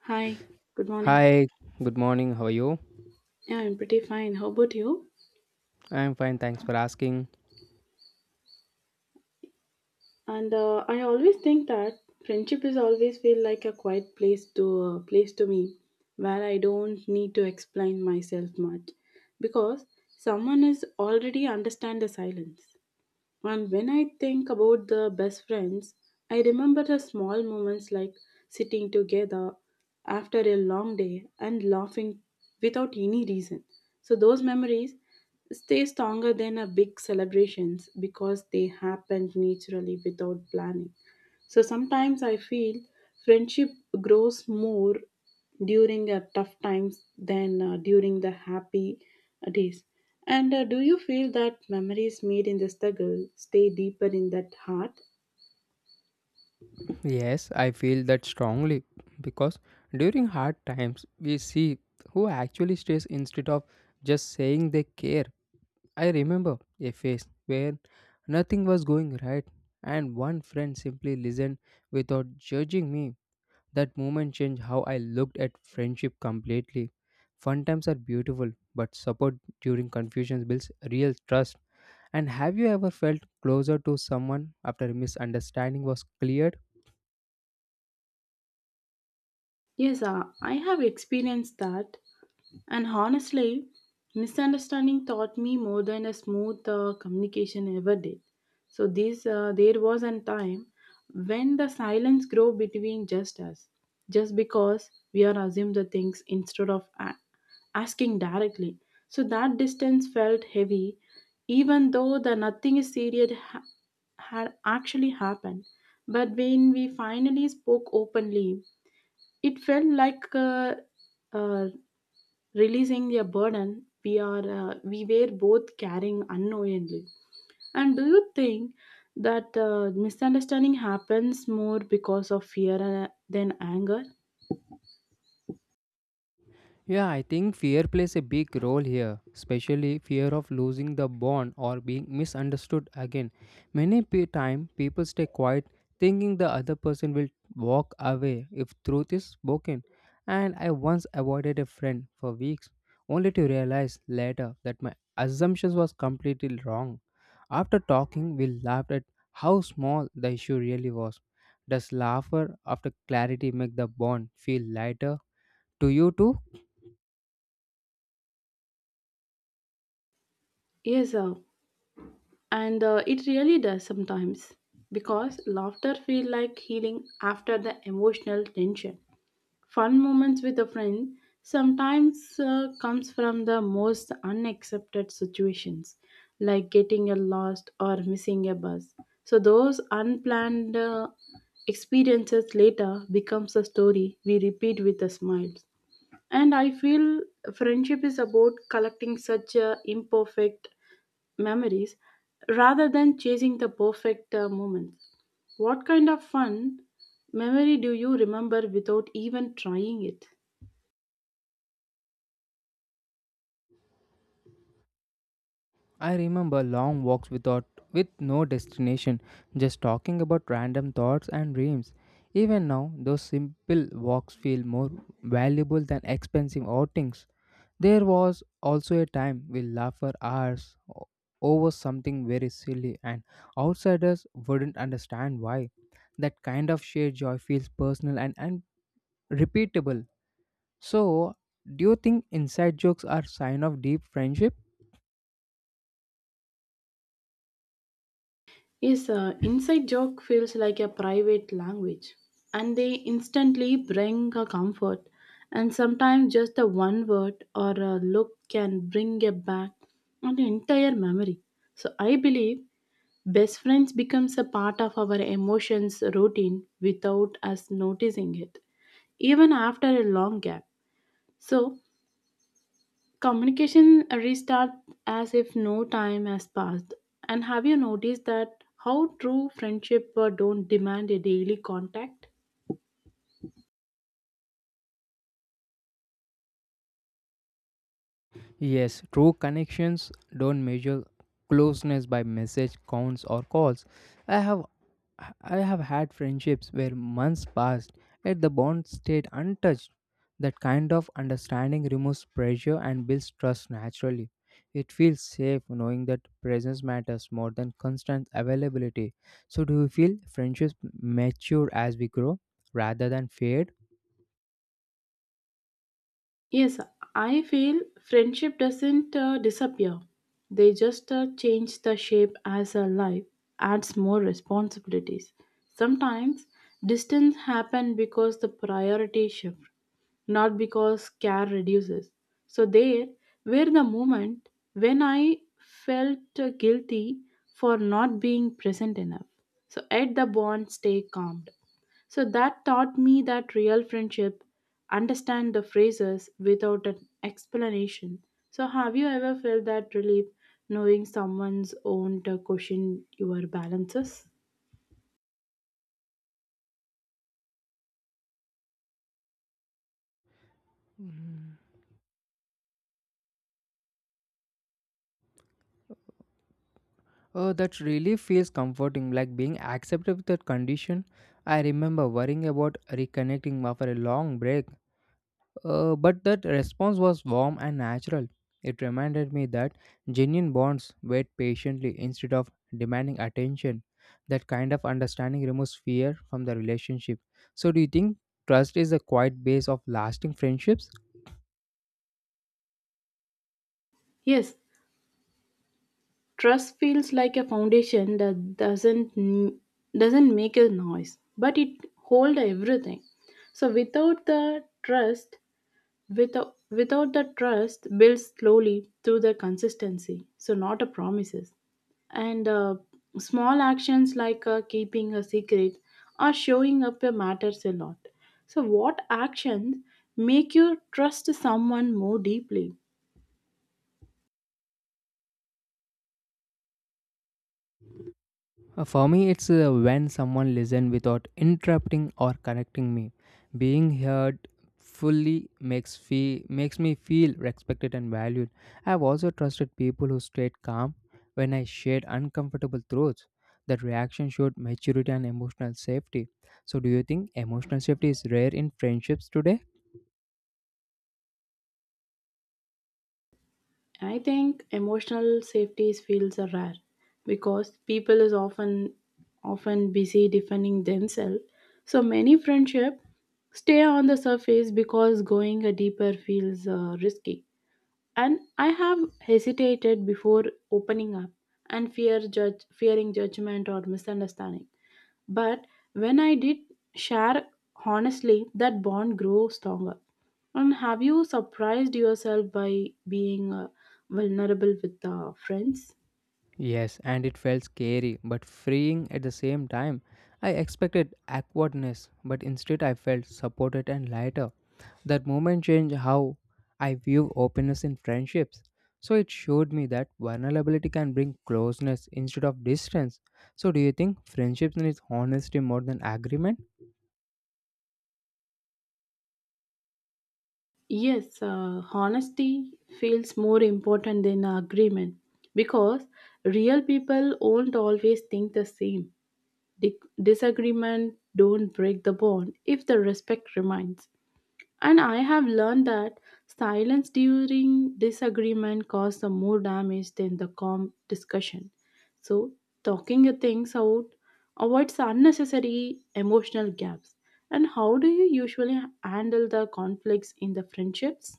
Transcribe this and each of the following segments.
Hi, good morning. Hi, good morning. How are you? Yeah, I'm pretty fine. How about you? I'm fine, thanks for asking. And I always think that friendship is always feel like a quiet place to place to me, where I don't need to explain myself much, because someone is already understand the silence. And when I think about the best friends, I remember the small moments like sitting together after a long day and laughing without any reason. So those memories stay stronger than a big celebrations because they happened naturally without planning. So sometimes I feel friendship grows more during tough times than during the happy days. And do you feel that memories made in the struggle stay deeper in that heart? Yes, I feel that strongly because during hard times, we see who actually stays instead of just saying they care. I remember a phase where nothing was going right, and one friend simply listened without judging me. That moment changed how I looked at friendship completely. Fun times are beautiful, but support during confusion builds real trust. And have you ever felt closer to someone after a misunderstanding was cleared? Yes, I have experienced that. And honestly, misunderstanding taught me more than a smooth communication ever did. So there was a time when the silence grew between just us, just because we are assumed the things instead of asking directly. So that distance felt heavy, even though the nothing is serious had actually happened. But when we finally spoke openly, it felt like uh, releasing a burden we were both carrying unknowingly. And do you think that misunderstanding happens more because of fear than anger? Yeah, I think fear plays a big role here, especially fear of losing the bond or being misunderstood again. Many pe- time people stay quiet thinking the other person will walk away if truth is spoken. And I once avoided a friend for weeks only to realize later that my assumptions was completely wrong. After talking, we laughed at how small the issue really was. Does laughter after clarity make the bond feel lighter to you too? Yes, and it really does sometimes because laughter feels like healing after the emotional tension. Fun moments with a friend sometimes comes from the most unaccepted situations, like getting a lost or missing a bus. So those unplanned experiences later becomes a story we repeat with a smile. And I feel friendship is about collecting such a imperfect memories rather than chasing the perfect moments. What kind of fun memory do you remember without even trying it? I remember long walks with no destination, just talking about random thoughts and dreams. Even now, those simple walks feel more valuable than expensive outings. There was also a time we laughed for hours over something very silly, and outsiders wouldn't understand why. That kind of shared joy feels personal and unrepeatable. So, do you think inside jokes are sign of deep friendship? Yes, inside joke feels like a private language, and they instantly bring a comfort. And sometimes just a one word or a look can bring a back an entire memory. So I believe best friends becomes a part of our emotions routine without us noticing it, even after a long gap. So communication restarts as if no time has passed. And have you noticed that how true friendship don't demand a daily contact? Yes, true connections don't measure closeness by message counts or calls. I have I have had friendships where months passed yet the bond stayed untouched. That kind of understanding removes pressure and builds trust naturally. It feels safe knowing that presence matters more than constant availability. So do you feel friendships mature as we grow rather than fade? Yes, I feel friendship doesn't disappear. They just change the shape as a life adds more responsibilities. Sometimes distance happen because the priority shift not because care reduces. So, there were the moment when I felt guilty for not being present enough. So, at the bond, stay calmed. So, that taught me that real friendship understand the phrases without an explanation. So, have you ever felt that relief knowing someone's own to question your balances? Oh, that really feels comforting, like being accepted with that condition. I remember worrying about reconnecting after a long break, but that response was warm and natural. It reminded me that genuine bonds wait patiently instead of demanding attention. That kind of understanding removes fear from the relationship. So, do you think trust is a quiet base of lasting friendships? Yes, trust feels like a foundation that doesn't make a noise, but it hold everything. So without the trust, without without the trust builds slowly through the consistency. So not a promises and small actions like keeping a secret or showing up matters a lot. So, what actions make you trust someone more deeply? For me, it's when someone listens without interrupting or correcting me. Being heard fully makes me feel respected and valued. I've also trusted people who stayed calm when I shared uncomfortable truths. That reaction showed maturity and emotional safety. So, do you think emotional safety is rare in friendships today? I think emotional safety feels are rare because people is often busy defending themselves. So many friendship stay on the surface because going a deeper feels risky, and I have hesitated before opening up and fearing judgment or misunderstanding. But when I did share honestly, that bond grew stronger. And have you surprised yourself by being vulnerable with friends? Yes, and it felt scary but freeing at the same time. I expected awkwardness, but instead I felt supported and lighter. That moment changed how I view openness in friendships. So it showed me that vulnerability can bring closeness instead of distance. So do you think friendships needs honesty more than agreement? Yes, honesty feels more important than agreement because real people won't always think the same. Disagreement don't break the bond if the respect remains. And I have learned that silence during disagreement causes more damage than the calm discussion. So talking your things out avoids unnecessary emotional gaps. And how do you usually handle the conflicts in the friendships?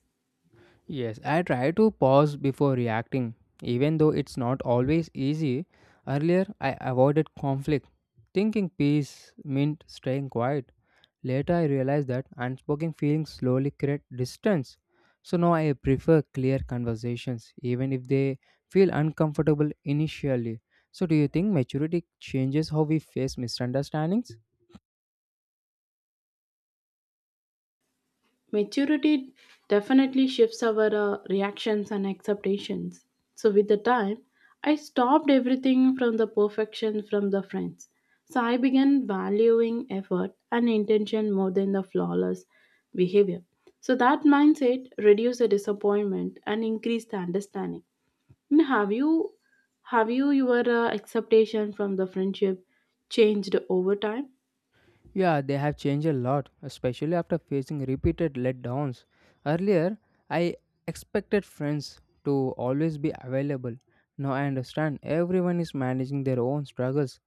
Yes, I try to pause before reacting, even though it's not always easy. Earlier, I avoided conflict, thinking peace meant staying quiet. Later, I realized that unspoken feelings slowly create distance. So now I prefer clear conversations, even if they feel uncomfortable initially. So, do you think maturity changes how we face misunderstandings? Maturity definitely shifts our reactions and expectations. So, with the time, I stopped everything from the perfection from the friends. So, I began valuing effort and intention more than the flawless behavior. So, that mindset reduced the disappointment and increased the understanding. And have you your expectation from the friendship changed over time? Yeah, they have changed a lot, especially after facing repeated letdowns. Earlier, I expected friends to always be available. Now I understand everyone is managing their own struggles.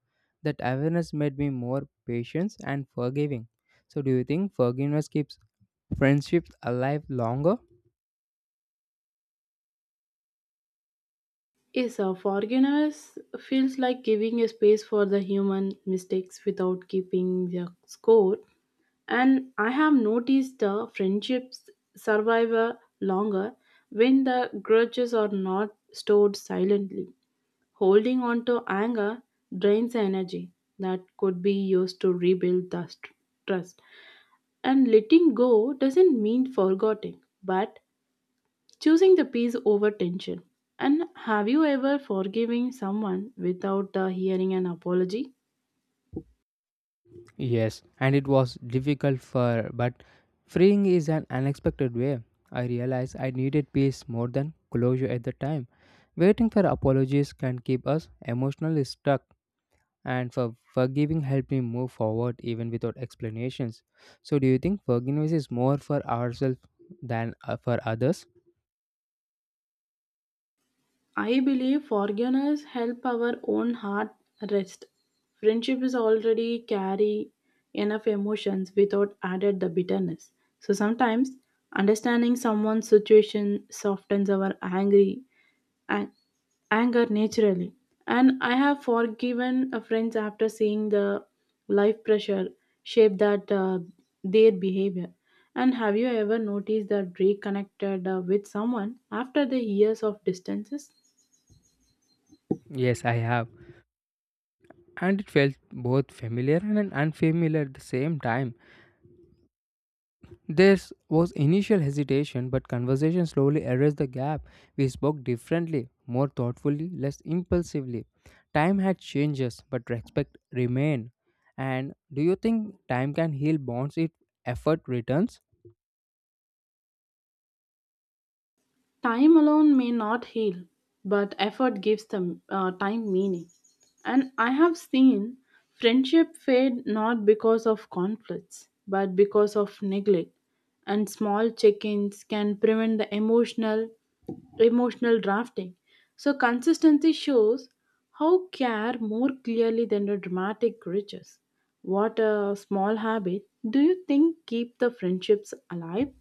That awareness made me more patient and forgiving. So, do you think forgiveness keeps friendships alive longer? Yes, forgiveness feels like giving a space for the human mistakes without keeping the score. And I have noticed the friendships survive longer when the grudges are not stored silently. Holding on to anger drains energy that could be used to rebuild the trust. And letting go doesn't mean forgetting, but choosing the peace over tension. And have you ever forgiving someone without the hearing an apology? Yes, and it was difficult for but freeing is an unexpected way. I realized I needed peace more than closure at the time. Waiting for apologies can keep us emotionally stuck and for forgiving helped me move forward even without explanations. So do you think forgiveness is more for ourselves than for others? I believe forgiveness help our own heart rest. Friendship is already carry enough emotions without added the bitterness. So sometimes understanding someone's situation softens our an- anger naturally. And I have forgiven a friends after seeing the life pressure shape that their behavior. And have you ever noticed that reconnected with someone after the years of distances? Yes, I have. And it felt both familiar and unfamiliar at the same time. There was initial hesitation, but conversation slowly erased the gap. We spoke differently, more thoughtfully, less impulsively. Time had changes, but respect remained. And do you think time can heal bonds if effort returns? Time alone may not heal, but effort gives them time meaning. And I have seen friendship fade not because of conflicts, but because of neglect. And small check-ins can prevent the emotional drafting. So consistency shows how care more clearly than the dramatic riches. What a small habit do you think keep the friendships alive?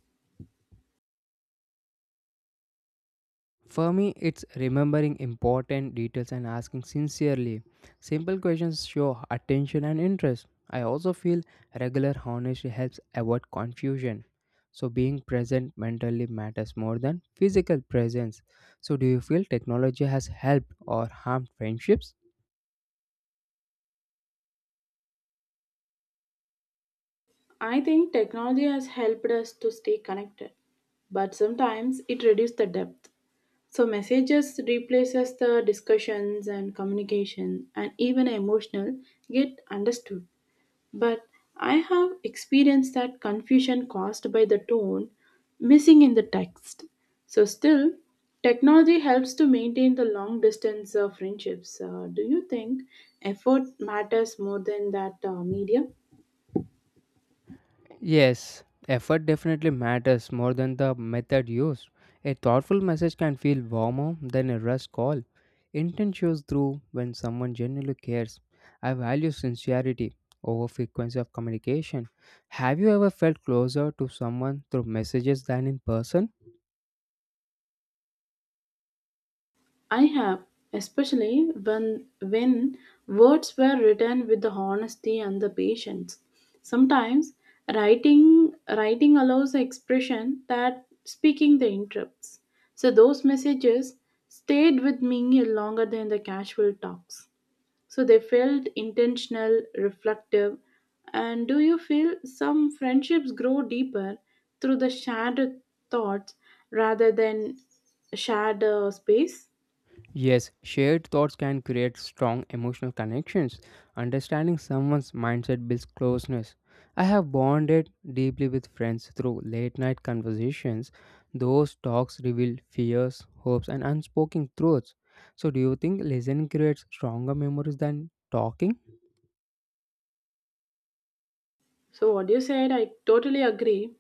For me, it's remembering important details and asking sincerely. Simple questions show attention and interest. I also feel regular honesty helps avoid confusion. So, being present mentally matters more than physical presence. So, do you feel technology has helped or harmed friendships? I think technology has helped us to stay connected, but sometimes it reduces the depth. So messages replaces the discussions and communication and even emotional get understood. But I have experienced that confusion caused by the tone missing in the text. So still technology helps to maintain the long distance of friendships. Do you think effort matters more than that medium? Yes, effort definitely matters more than the method used. A thoughtful message can feel warmer than a rushed call. Intent shows through when someone genuinely cares. I value sincerity over frequency of communication. Have you ever felt closer to someone through messages than in person? I have, especially when words were written with the honesty and the patience. Sometimes writing allows expression that speaking the interrupts. So those messages stayed with me longer than the casual talks. So they felt intentional, reflective, and do you feel some friendships grow deeper through the shared thoughts rather than shared space? Yes, shared thoughts can create strong emotional connections. Understanding someone's mindset builds closeness. I have bonded deeply with friends through late night conversations. Those talks reveal fears, hopes, and unspoken truths. So, do you think listening creates stronger memories than talking? So what you said, I totally agree.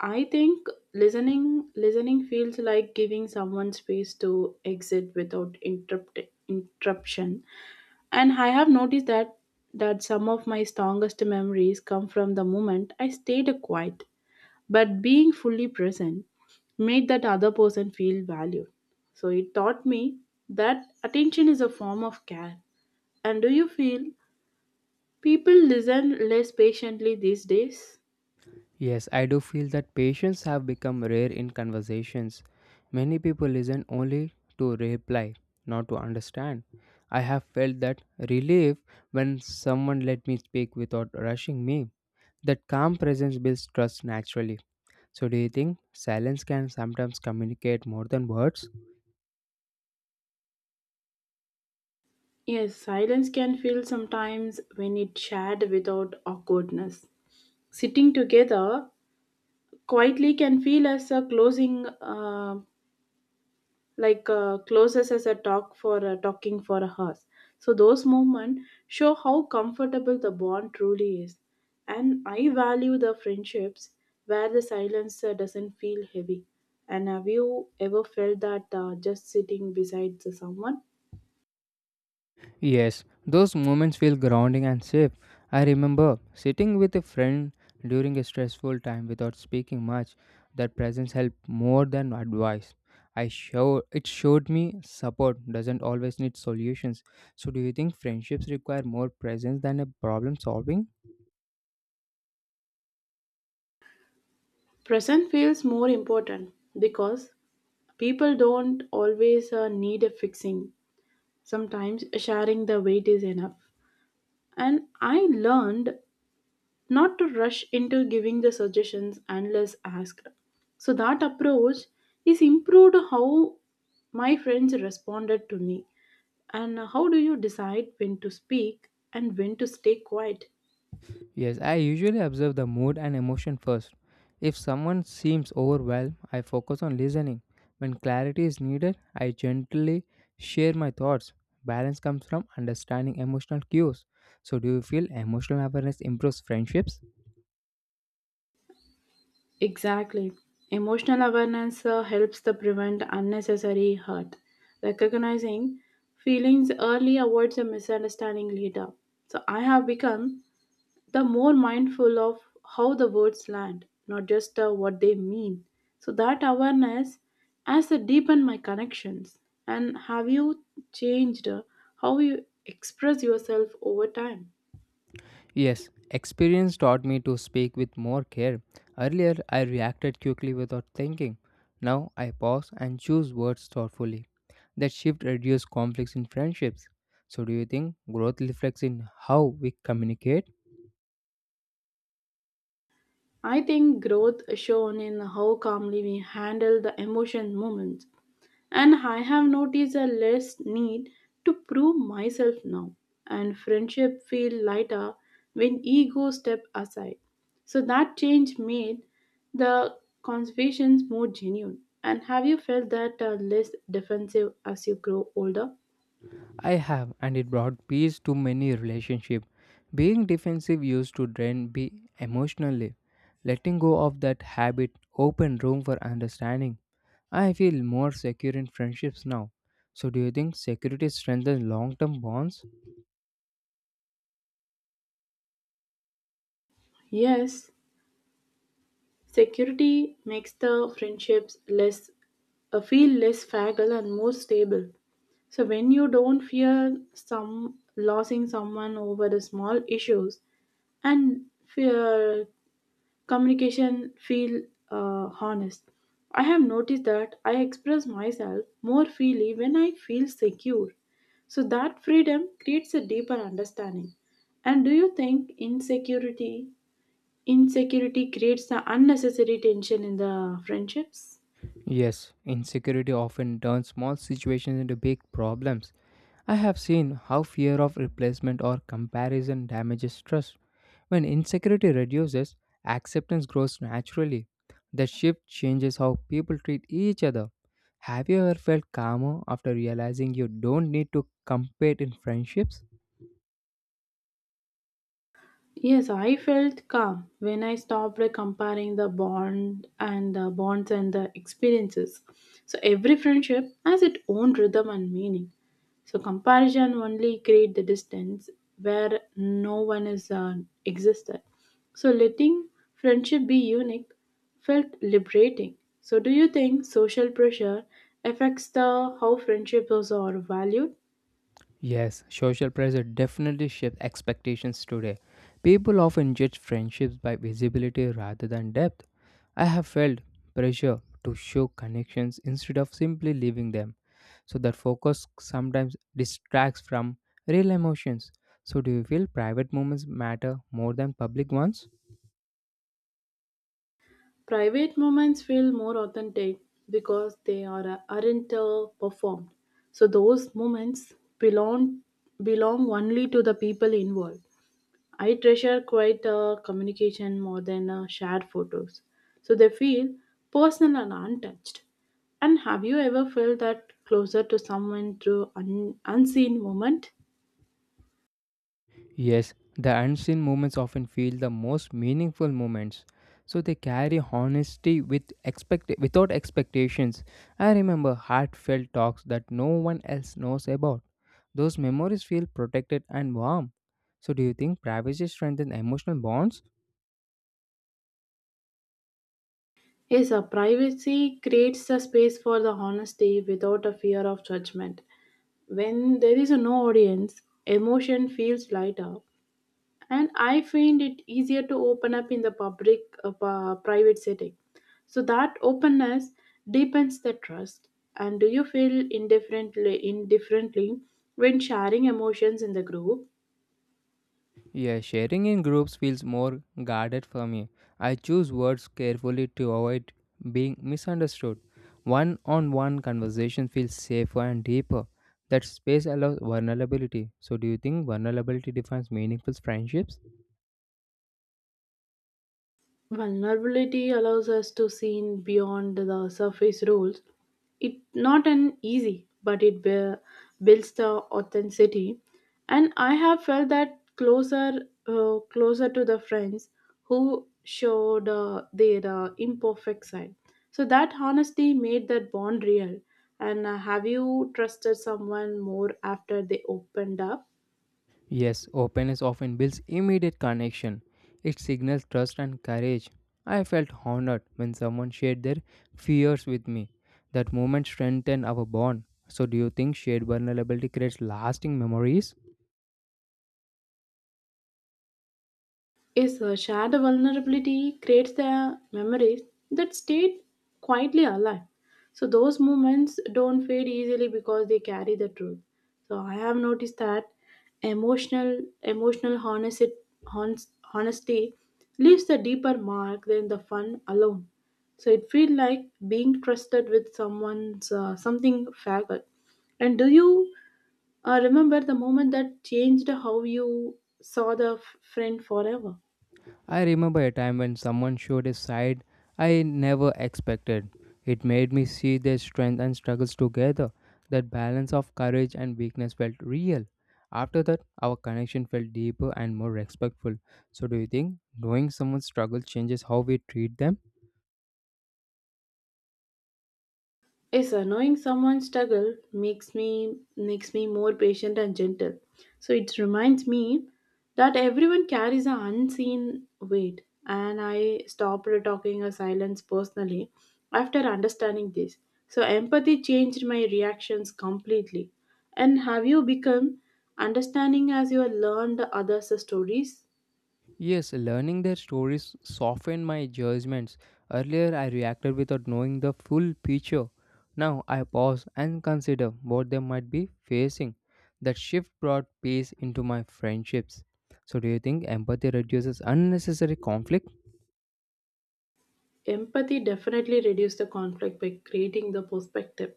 I think listening feels like giving someone space to exit without interruption. And I have noticed that some of my strongest memories come from the moment I stayed quiet, but being fully present made that other person feel valued. So it taught me that attention is a form of care. And do you feel people listen less patiently these days? Yes, I do feel that patience have become rare in conversations. Many people listen only to reply, not to understand. I have felt that relief when someone let me speak without rushing me. That calm presence builds trust naturally. So, do you think silence can sometimes communicate more than words? Yes, silence can feel sometimes when it's shared without awkwardness. Sitting together quietly can feel as a closing, like closes as a talk for talking for a house. So those moments show how comfortable the bond truly is, and I value the friendships where the silence doesn't feel heavy. And have you ever felt that just sitting beside someone? Yes, those moments feel grounding and safe. I remember sitting with a friend during a stressful time without speaking much. That presence helped more than advice. I show It showed me support doesn't always need solutions. So do you think friendships require more presence than a problem solving? Present feels more important because people don't always need a fixing. Sometimes sharing the weight is enough. And I learned not to rush into giving the suggestions unless asked. So that approach is improved how my friends responded to me. And how do you decide when to speak and when to stay quiet? Yes, I usually observe the mood and emotion first. If someone seems overwhelmed, I focus on listening. When clarity is needed, I gently share my thoughts. Balance comes from understanding emotional cues. So, do you feel emotional awareness improves friendships? Exactly. Emotional awareness helps to prevent unnecessary hurt. Recognizing feelings early avoids a misunderstanding later. So I have become the more mindful of how the words land, not just what they mean. So that awareness has deepened my connections. And have you changed how you express yourself over time? Yes, experience taught me to speak with more care. Earlier, I reacted quickly without thinking. Now, I pause and choose words thoughtfully. That shift reduces conflicts in friendships. So, do you think growth reflects in how we communicate? I think growth shown in how calmly we handle the emotion moments. And I have noticed a less need to prove myself now. And friendship feel lighter when ego step aside. So that change made the conversations more genuine. And have you felt that less defensive as you grow older? I have, and it brought peace to many relationships. Being defensive used to drain me emotionally. Letting go of that habit opened room for understanding. I feel more secure in friendships now. So, do you think security strengthens long term bonds? Yes, security makes the friendships less feel less fragile and more stable. So when you don't fear some losing someone over the small issues and fear communication feel honest. I have noticed that I express myself more freely when I feel secure. So that freedom creates a deeper understanding. And do you think insecurity creates the unnecessary tension in the friendships. Yes, insecurity often turns small situations into big problems. I have seen how fear of replacement or comparison damages trust. When insecurity reduces, acceptance grows naturally. The shift changes how people treat each other. Have you ever felt calmer after realizing you don't need to compete in friendships? Yes, I felt calm when I stopped like, comparing the bonds and the experiences. So every friendship has its own rhythm and meaning. So comparison only create the distance where no one is existed. So letting friendship be unique felt liberating. So do you think social pressure affects the how friendships are valued? Yes, social pressure definitely shapes expectations today. People often judge friendships by visibility rather than depth. I have felt pressure to show connections instead of simply leaving them. So that focus sometimes distracts from real emotions. So do you feel private moments matter more than public ones? Private moments feel more authentic because they are aren't performed. So those moments belong belong only to the people involved. I treasure quite communication more than shared photos. So they feel personal and untouched. And have you ever felt that closer to someone through an unseen moment? Yes, the unseen moments often feel the most meaningful moments. So they carry honesty without expectations. I remember heartfelt talks that no one else knows about. Those memories feel protected and warm. So do you think privacy strengthens emotional bonds? Yes, a privacy creates a space for the honesty without a fear of judgment. When there is a no audience, emotion feels lighter, and I find it easier to open up in the private setting. So that openness deepens the trust. And do you feel indifferently, when sharing emotions in the group? Yeah, sharing in groups feels more guarded for me. I choose words carefully to avoid being misunderstood. One on one conversation feels safer and deeper. That space allows vulnerability. So, do you think vulnerability defines meaningful friendships? Vulnerability allows us to see beyond the surface rules. It's not an easy, but it builds the authenticity. And I have felt that closer, closer to the friends who showed their imperfect side. So that honesty made that bond real. And have you trusted someone more after they opened up? Yes, openness often builds immediate connection. It signals trust and courage. I felt honored when someone shared their fears with me. That moment strengthened our bond. So, do you think shared vulnerability creates lasting memories? Is a shared vulnerability creates the memories that stayed quietly alive. So those moments don't fade easily because they carry the truth. So I have noticed that emotional honesty, honesty leaves a deeper mark than the fun alone. So it feels like being trusted with someone's something fragile. And do you remember the moment that changed how you saw the friend forever? I remember a time when someone showed a side I never expected. It made me see their strength and struggles together. That balance of courage and weakness felt real. After that, our connection felt deeper and more respectful. So, do you think knowing someone's struggle changes how we treat them? Yes, sir. Knowing someone's struggle makes me more patient and gentle. So it reminds me that everyone carries an unseen weight, and I stopped talking a silence personally after understanding this. So empathy changed my reactions completely. And have you become understanding as you have learned others' stories? Yes, learning their stories softened my judgments. Earlier, I reacted without knowing the full picture. Now, I pause and consider what they might be facing. That shift brought peace into my friendships. So, do you think empathy reduces unnecessary conflict? Empathy definitely reduces the conflict by creating the perspective.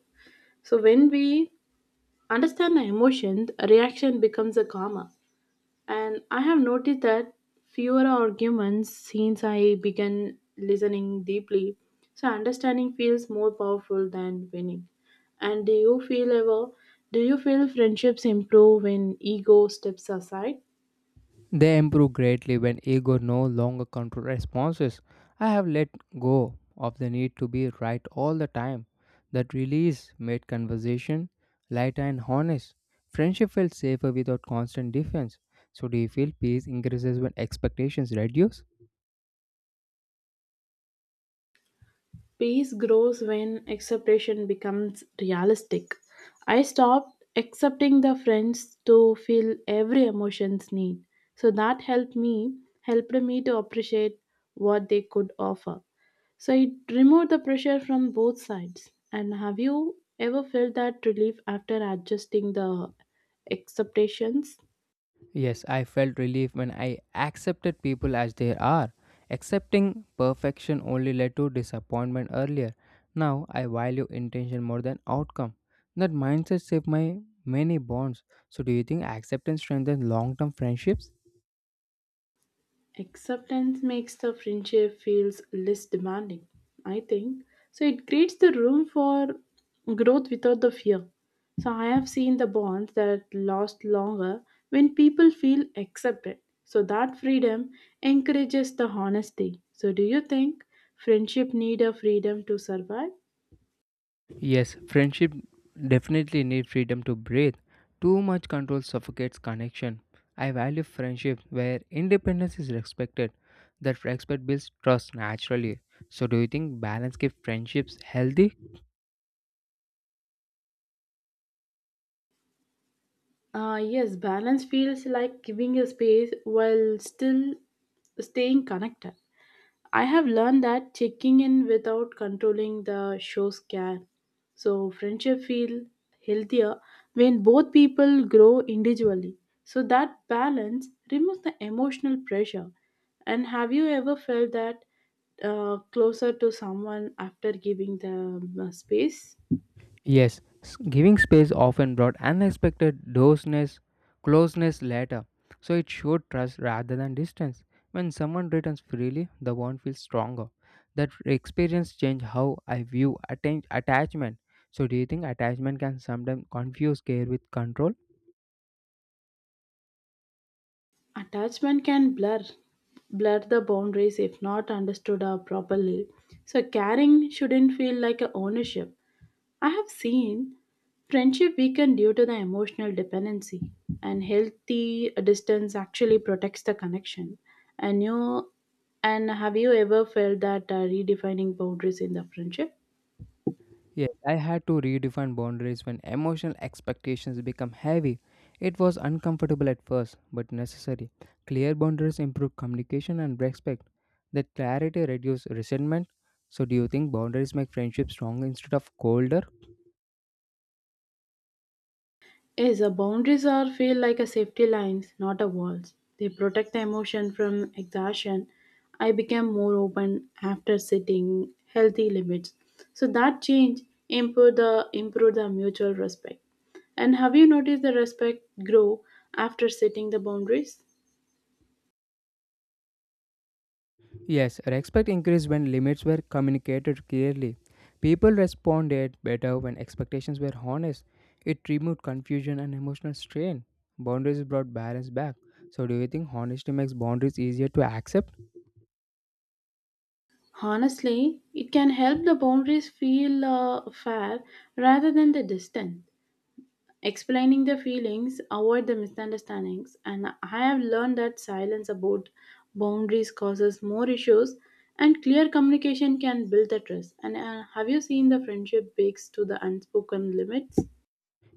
So when we understand the emotions, a reaction becomes a karma. And I have noticed that fewer arguments since I began listening deeply. So understanding feels more powerful than winning. And do you feel friendships improve when ego steps aside? They improve greatly when ego no longer controls responses. I have let go of the need to be right all the time. That release made conversation lighter and honest. Friendship felt safer without constant defense. So, do you feel peace increases when expectations reduce? Peace grows when acceptation becomes realistic. I stopped accepting the friends to feel every emotion's need. So that helped me to appreciate what they could offer. So it removed the pressure from both sides. And have you ever felt that relief after adjusting the expectations? Yes, I felt relief when I accepted people as they are. Accepting perfection only led to disappointment earlier. Now I value intention more than outcome. That mindset saved my many bonds. So, do you think acceptance strengthens long term friendships? Acceptance makes the friendship feels less demanding, I think. So it creates the room for growth without the fear. So I have seen the bonds that last longer when people feel accepted. So that freedom encourages the honesty. So do you think friendship need a freedom to survive? Yes, friendship definitely need freedom to breathe. Too much control suffocates connection. I value friendship where independence is respected. That respect builds trust naturally. So do you think balance keeps friendships healthy? Yes, balance feels like giving a space while still staying connected. I have learned that checking in without controlling the shows can. So friendship feel healthier when both people grow individually. So that balance removes the emotional pressure. And have you ever felt that closer to someone after giving them space? Yes, giving space often brought closeness later, so it showed trust rather than distance. When someone returns freely, the bond feels stronger. That experience changed how I view attachment. So, do you think attachment can sometimes confuse care with control? Attachment can blur the boundaries if not understood properly. So caring shouldn't feel like a ownership. I have seen friendship weaken due to the emotional dependency, and healthy distance actually protects the connection. And you, and have you ever felt that redefining boundaries in the friendship? Yes, I had to redefine boundaries when emotional expectations become heavy. It was uncomfortable at first, but necessary. Clear boundaries improve communication and respect. That clarity reduces resentment. So, do you think boundaries make friendships stronger instead of colder? Yes, the boundaries are feel like a safety lines, not a walls. They protect the emotion from exhaustion. I became more open after setting healthy limits. So that change improve the mutual respect. And have you noticed the respect grow after setting the boundaries? Yes, respect increased when limits were communicated clearly. People responded better when expectations were honest. It removed confusion and emotional strain. Boundaries brought balance back. So, do you think honesty makes boundaries easier to accept? Honestly, it can help the boundaries feel fair rather than the distant. Explaining their feelings, avoid the misunderstandings, and I have learned that silence about boundaries causes more issues, and clear communication can build the trust. And have you seen the friendship breaks to the unspoken limits?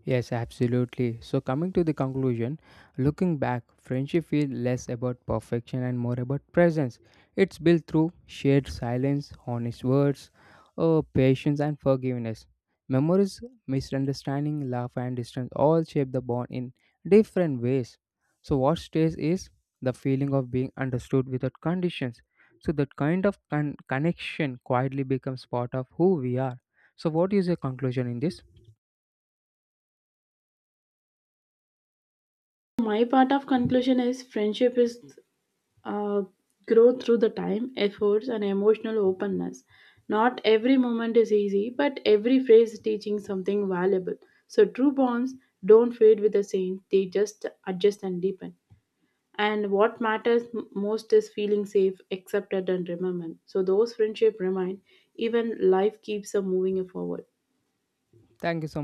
Yes, absolutely. So, coming to the conclusion, looking back, friendship feels less about perfection and more about presence. It's built through shared silence, honest words, patience, and forgiveness. Memories, misunderstanding, love, and distance all shape the bond in different ways. So, what stays is the feeling of being understood without conditions. So, that kind of connection quietly becomes part of who we are. So, what is your conclusion in this? My part of conclusion is friendship is uh, grow through the time, efforts, and emotional openness. Not every moment is easy, but every phrase is teaching something valuable. So true bonds don't fade with the same; they just adjust and deepen. And what matters most is feeling safe, accepted, and remembered. So those friendships remain, even life keeps them moving forward. Thank you so much.